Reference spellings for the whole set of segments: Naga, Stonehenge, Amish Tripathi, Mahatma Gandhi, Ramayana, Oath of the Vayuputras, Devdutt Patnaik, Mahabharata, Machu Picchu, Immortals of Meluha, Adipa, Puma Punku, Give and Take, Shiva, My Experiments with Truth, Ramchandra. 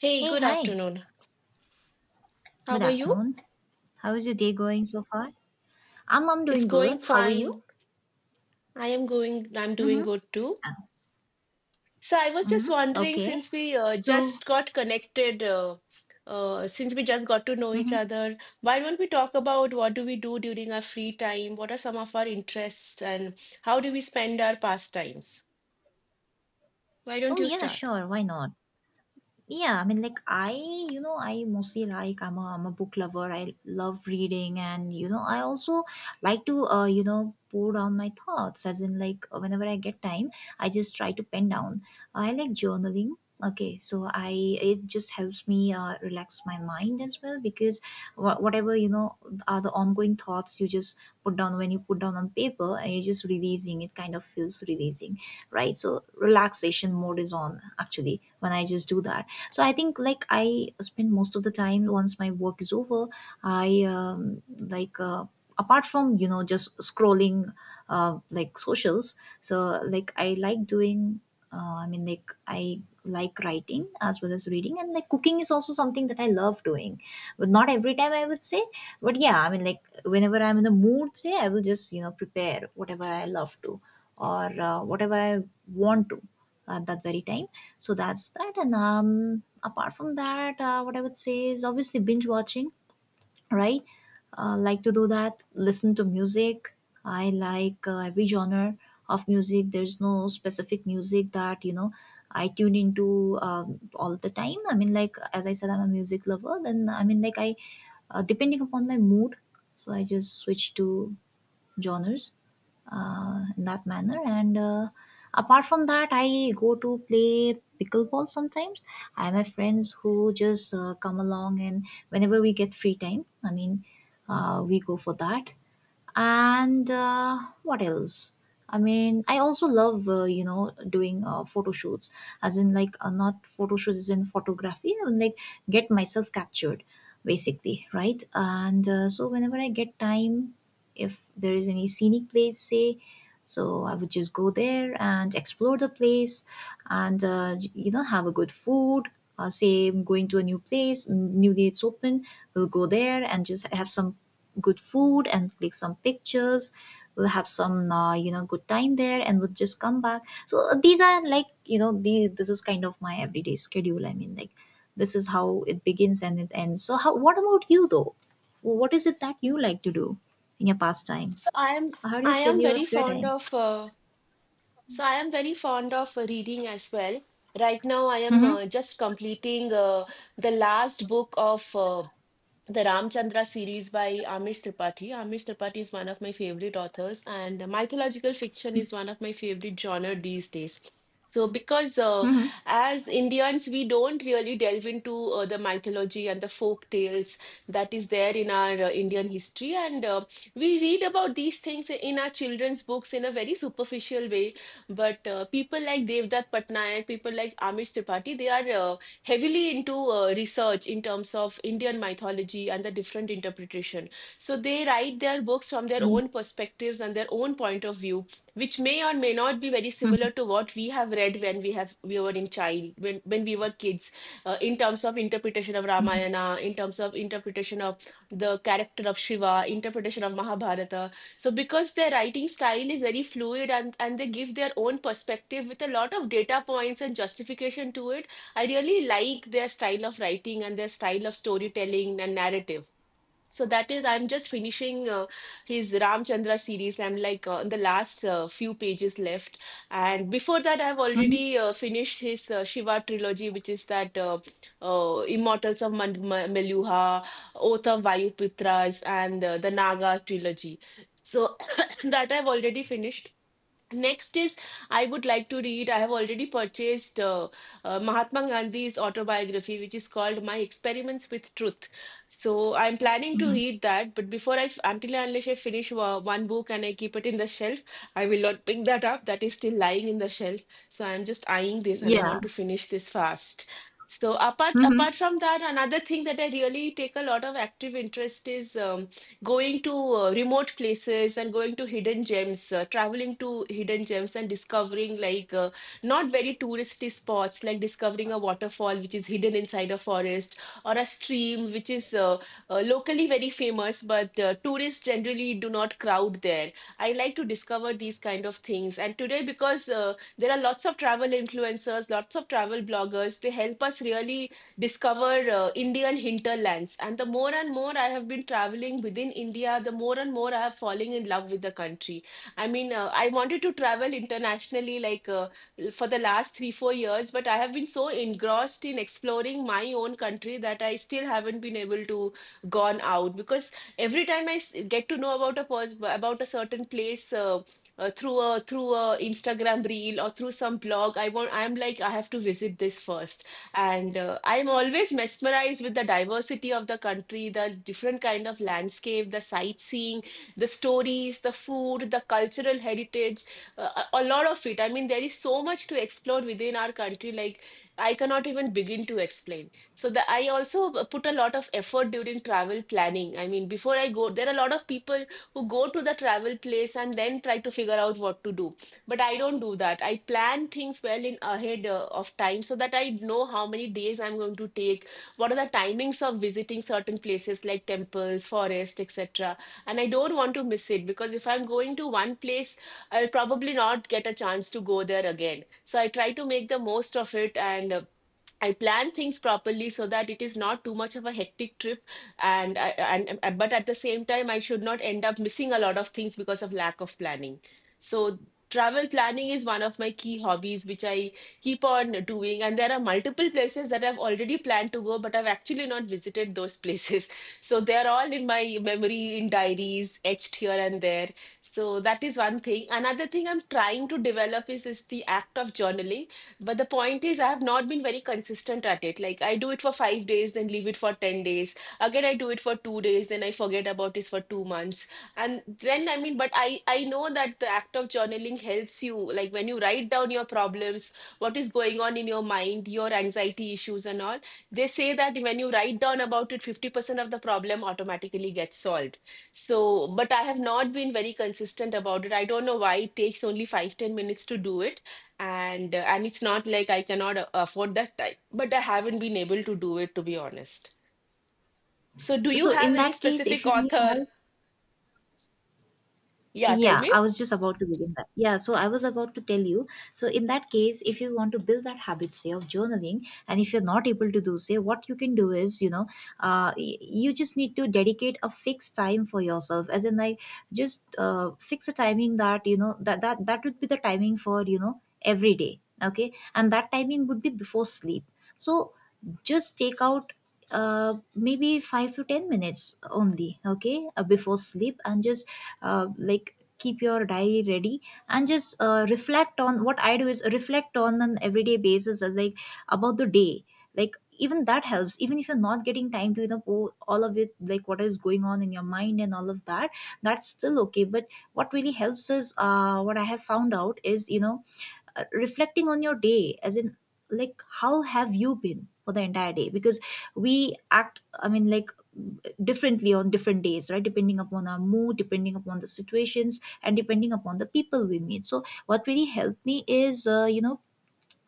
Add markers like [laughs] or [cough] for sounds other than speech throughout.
Hey, Hey, good hi. afternoon. How Good are you? afternoon. How is your day going so far? I'm It's doing going good. How are you? fine. I'm doing Mm-hmm. good too. So I was just Mm-hmm. wondering, Okay. since we So, just got connected, since we just got to know each mm-hmm. other, why don't we talk about what do we do during our free time? What are some of our interests and how do we spend our pastimes? Why don't Oh you yeah, start? sure. Why not? Yeah, I mean, I mostly like I'm a book lover. I love reading, and you know, I also like to, you know, pour down my thoughts. As in, like whenever I get time, I just try to pen down. I like journaling. Okay, so I it just helps me relax my mind as well because whatever you know are the ongoing thoughts, you just put down. When you put down on paper and you're just releasing it kind of feels releasing, right? So relaxation mode is on actually when I just do that. So I think like I spend most of the time once my work is over. I like apart from you know just scrolling like socials. So like I like doing, I like writing as well as reading, and like cooking is also something that I love doing, but not every time, I would say. But yeah, I mean, like whenever I'm in the mood, say, I will just you know prepare whatever I love to, or whatever I want to at that very time. So that's that. And apart from that, what I would say is obviously binge watching, right? Like to do that, listen to music. I like every genre of music. There's no specific music that, you know, I tune into all the time. I mean, like, as I said, I'm a music lover. Then, I mean, like, I, depending upon my mood, so I just switch to genres in that manner. And apart from that, I go to play pickleball sometimes. I have my friends who just come along, and whenever we get free time, I mean, we go for that. And what else? I mean, I also love you know doing photo shoots. As in like not photo shoots as in photography. I like get myself captured basically, right? And so whenever I get time, if there is any scenic place, say, so I would just go there and explore the place, and you know have a good food. Say I'm going to a new place, newly it's open, we'll go there and just have some good food and click some pictures. We'll have some you know good time there, and we'll just come back. So these are like you know this is kind of my everyday schedule. I mean, like this is how it begins and it ends. So how, what about you though? What is it that you like to do in your pastime? So I am How do you I kill am your very spare fond time? of So I am very fond of reading as well. Right now, I am Mm-hmm. Just completing the last book of the Ramchandra series by Amish Tripathi. Amish Tripathi is one of my favorite authors, and mythological fiction is one of my favorite genre these days. So, because Mm-hmm. as Indians, we don't really delve into the mythology and the folk tales that is there in our Indian history, and we read about these things in our children's books in a very superficial way. But people like Devdutt Patnaik, people like Amish Tripathi, they are heavily into research in terms of Indian mythology and the different interpretation. So they write their books from their Mm-hmm. own perspectives and their own point of view, which may or may not be very similar to what we have read when we have we were in child when we were kids, in terms of interpretation of Ramayana, in terms of interpretation of the character of Shiva, interpretation of Mahabharata. So because their writing style is very fluid and they give their own perspective with a lot of data points and justification to it, I really like their style of writing and their style of storytelling and narrative. So that is, I'm just finishing his Ramchandra series. I'm like on the last few pages left, and before that, I've Mm-hmm. already finished his Shiva trilogy, which is that Immortals of Maluha, Oath of Vayuputras, and the Naga trilogy. So [coughs] [clears throat] that I've already finished. Next is, I would like to read. I have already purchased Mahatma Gandhi's autobiography, which is called My Experiments with Truth. So I'm planning to Mm-hmm. read that, but until and unless I finish one book and I keep it in the shelf, I will not pick that up. That is still lying in the shelf. So I'm just eyeing this and I Yeah. want to finish this fast. So apart Mm-hmm. apart from that, another thing that I really take a lot of active interest is. Going to remote places and going to hidden gems, traveling to hidden gems and discovering like not very touristy spots, like discovering a waterfall which is hidden inside a forest or a stream which is locally very famous, but tourists generally do not crowd there. I like to discover these kind of things. And today, because there are lots of travel influencers, lots of travel bloggers, they help us really discover Indian hinterlands. And the more and more I have been traveling within India, the more and more I have fallen in love with the country. I mean, I wanted to travel internationally like for the last three, 4 years, but I have been so engrossed in exploring my own country that I still haven't been able to gone out because every time get to know about about a certain place. Through a Instagram reel or through some blog, I'm like I have to visit this first, and I'm always mesmerized with the diversity of the country, the different kind of landscape, the sightseeing, the stories, the food, the cultural heritage, a lot of it. I mean, there is so much to explore within our country, like I cannot even begin to explain. So I also put a lot of effort during travel planning. I mean, before I go, there are a lot of people who go to the travel place and then try to figure out what to do, but I don't do that. I plan things well in ahead of time, so that I know how many days I'm going to take, what are the timings of visiting certain places like temples, forest, etc. And I don't want to miss it, because if I'm going to one place, I'll probably not get a chance to go there again, so I try to make the most of it. And I plan things properly so that it is not too much of a hectic trip, and I, and- but at the same time, I should not end up missing a lot of things because of lack of planning. So travel planning is one of my key hobbies, which I keep on doing. And there are multiple places that I've already planned to go, but I've actually not visited those places. [laughs] So they're all in my memory, in diaries, etched here and there. So that is one thing. Another thing I'm trying to develop is the act of journaling, but the point is, I have not been very consistent at it. Like, I do it for 5 days, then leave it for 10 days. Again, I do it for 2 days, then I forget about it for 2 months. And then, I mean, I know that the act of journaling helps you. Like, when you write down your problems, what is going on in your mind, your anxiety issues, and all, they say that when you write down about it, 50% of the problem automatically gets solved. So, but I have not been very consistent about it. I don't know why, it takes only 5 10 minutes to do it, and it's not like I cannot afford that time, but I haven't been able to do it to be honest. So, do you So have in any that case, if specific you need author? help. Yeah, tell Yeah, me. I was just about to begin that. Yeah, so I was about to tell you. So, in that case, if you want to build that habit, say, of journaling, and if you're not able to do, say, what you can do is, you know, you just need to dedicate a fixed time for yourself, as in, like, just fix a timing that, you know, that would be the timing for, you know, every day. Okay. And that timing would be before sleep. So, just take out maybe 5 to 10 minutes only, okay, before sleep. And just like keep your diary ready, and just reflect. On what I do is reflect on an everyday basis, like about the day. Like even that helps, even if you're not getting time to you know pour all of it, like what is going on in your mind and all of that, that's still okay. But what really helps is, what I have found out is you know reflecting on your day. As in like how have you been for the entire day, because we act, I mean like differently on different days, right, depending upon our mood, depending upon the situations, and depending upon the people we meet. So what really helped me is, you know,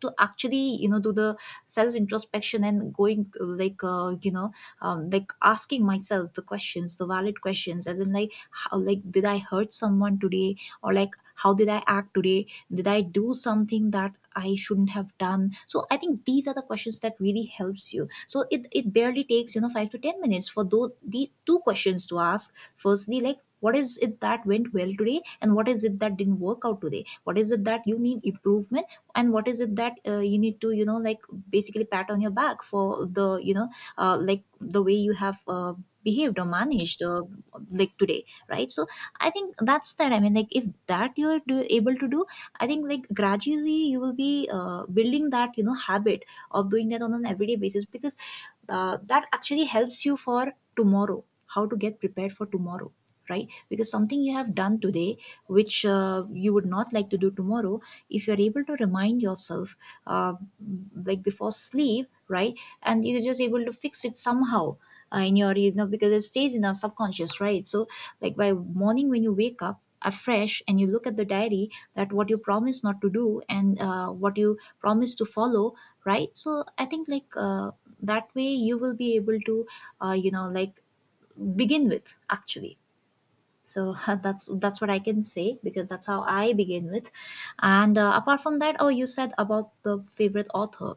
to actually you know do the self introspection and going, you know, like asking myself the questions, the valid questions, as in like how, like did I hurt someone today? Or like how did I act today? Did I do something that I shouldn't have done? So I think these are the questions that really helps you. So it barely takes you know 5 to 10 minutes for those, these two questions to ask. Firstly, like what is it that went well today, and what is it that didn't work out today, what is it that you need improvement, and what is it that you need to you know like basically pat on your back for the you know like the way you have behaved or managed like today, right? So I think that's that. I mean like if that you're able to do, I think like gradually you will be building that you know habit of doing that on an everyday basis, because that actually helps you for tomorrow, how to get prepared for tomorrow. Right, because something you have done today which you would not like to do tomorrow, if you're able to remind yourself uh, like before sleep, right, and you're just able to fix it somehow in your you know, because it stays in our subconscious, right? So like by morning when you wake up afresh and you look at the diary, that what you promise not to do and what you promise to follow, right? So I think like that way you will be able to you know like begin with, actually. So [laughs] that's what I can say, because that's how I begin with. And apart from that, oh you said about the favorite author.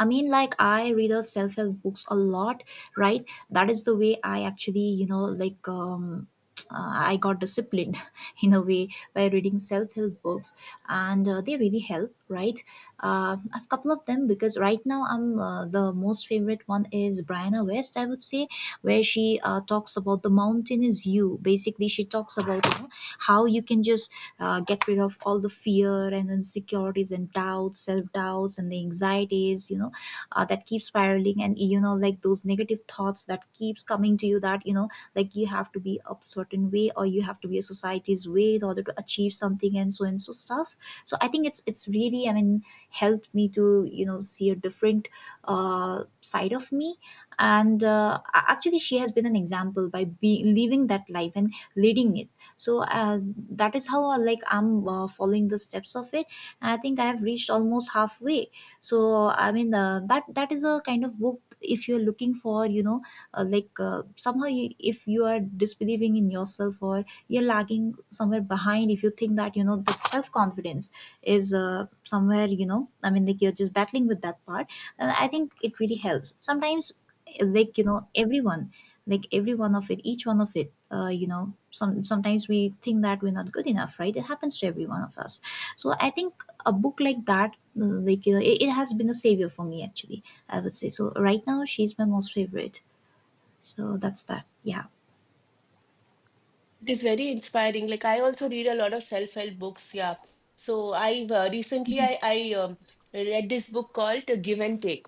I mean, like I read the self-help books a lot, right? That is the way I actually, you know, like I got disciplined [laughs] in a way by reading self-help books, and they really help, right? I've couple of them, because right now I'm the most favorite one is Brianna West, I would say, where she talks about the mountain is you. Basically, she talks about you know how you can just get rid of all the fear and insecurities and doubts, self doubts, and the anxieties, you know, that keeps spiraling, and you know like those negative thoughts that keeps coming to you, that you know like you have to be a certain way or you have to be a society's way in order to achieve something and so stuff. So I think it's really, I mean, helped me to you know see a different side of me. And actually she has been an example by living that life and leading it. So that is how like I'm following the steps of it, and I think I have reached almost halfway. So I mean that is a kind of book if you're looking for, you know, somehow you, if you are disbelieving in yourself or you're lagging somewhere behind, if you think that you know the self confidence is somewhere you know, I mean like you're just battling with that part, then I think it really helps. Sometimes, like you know everyone, like every one of it, each one of it, you know some sometimes we think that we're not good enough, right? It happens to every one of us. So I think a book like that, it has been a savior for me, actually, I would say. So right now she's my most favorite. So that's that, yeah. It is very inspiring. Like I also read a lot of self-help books. Yeah. So I recently I read this book called Give and Take,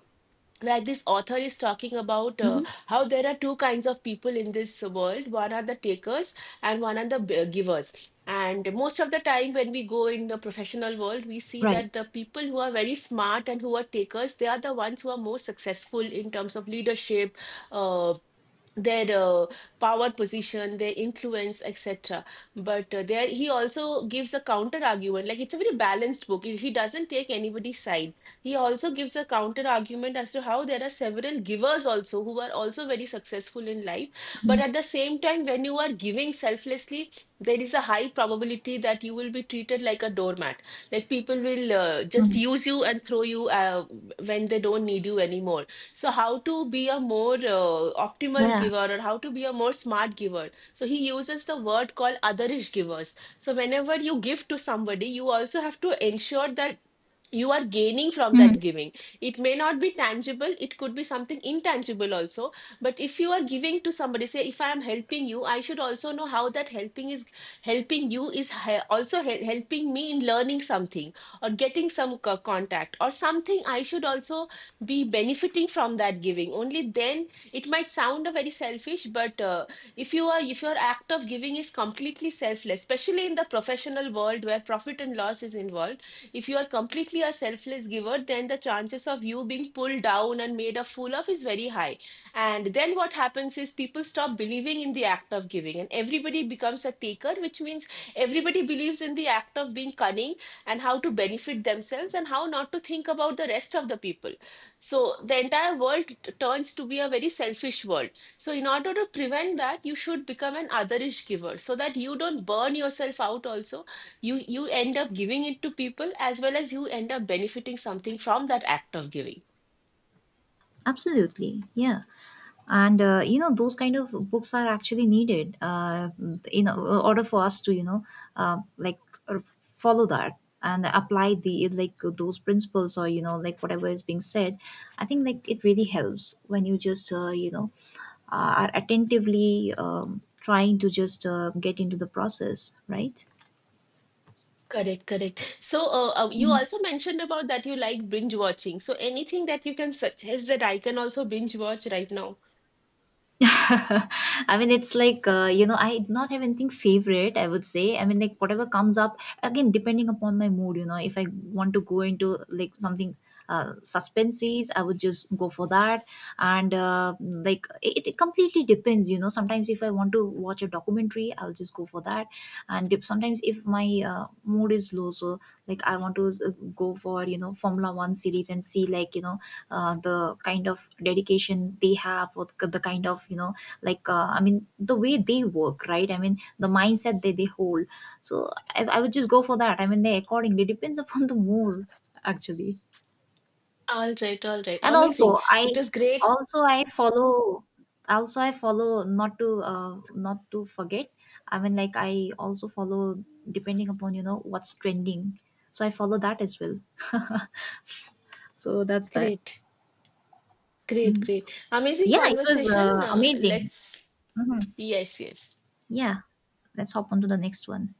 where this author is talking about Hmm. how there are two kinds of people in this world. One are the takers and one are the givers, and most of the time when we go in the professional world, we see Right. that the people who are very smart and who are takers, they are the ones who are more successful in terms of leadership, uh, their power position, their influence, etc. But there he also gives a counter argument. Like, it's a very balanced book. He doesn't take anybody's side. He also gives a counter argument as to how there are several givers also who are also very successful in life, but Mhm. at the same time, when you are giving selflessly, there is a high probability that you will be treated like a doormat. Like, people will just Mhm. use you and throw you when they don't need you anymore. So how to be a more optimal Yeah. giver or how to be a more smart giver. So he uses the word called otherish givers. So whenever you give to somebody, you also have to ensure that you are gaining from Mhm. that giving. It may not be tangible, it could be something intangible also, but if you are giving to somebody, say if I am helping you, I should also know how that helping you is also helping me in learning something, or getting some contact or something. I should also be benefiting from that giving. Only then, it might sound a very selfish, but if you are, if your act of giving is completely selfless, especially in the professional world where profit and loss is involved, if you are completely a selfless giver, then the chances of you being pulled down and made a fool of is very high. And then what happens is people stop believing in the act of giving, and everybody becomes a taker, which means everybody believes in the act of being cunning and how to benefit themselves and how not to think about the rest of the people. So the entire world turns to be a very selfish world. So, in order to prevent that, you should become an otherish giver, so that you don't burn yourself out also. You end up giving it to people, as well as you end up benefiting something from that act of giving. Absolutely, yeah. And you know those kind of books are actually needed, in order for us to you know uh, like uh, follow that and apply the like those principles, or you know like whatever is being said. I think like it really helps when you just you know are attentively trying to just get into the process, right? Correct, correct. So you Mhm. also mentioned about that you like binge watching, so anything that you can suggest that I can also binge watch right now? [laughs] I mean, it's like, you know, I not have anything favorite, I would say. I mean, like, whatever comes up, again, depending upon my mood, you know, if I want to go into like something suspenses, I would just go for that. And like, it completely depends, you know. Sometimes if I want to watch a documentary, I'll just go for that. And if, sometimes if my mood is low, so like I want to go for you know formula 1 series and see like you know the kind of dedication they have, or the kind of you know like I mean the way they work, right? I mean the mindset they hold. So I would just go for that. I mean they accordingly, depends upon the mood, actually. All right, all right, and amazing. also i It was great. also i follow also I follow not to not to forget. I mean like I also follow depending upon you know what's trending, so I follow that as well. [laughs] So that's that. Great, great, great, amazing Yeah, it was conversation. Amazing. let's. Mhm. Yes, yes. Yeah, let's hop on to the next one.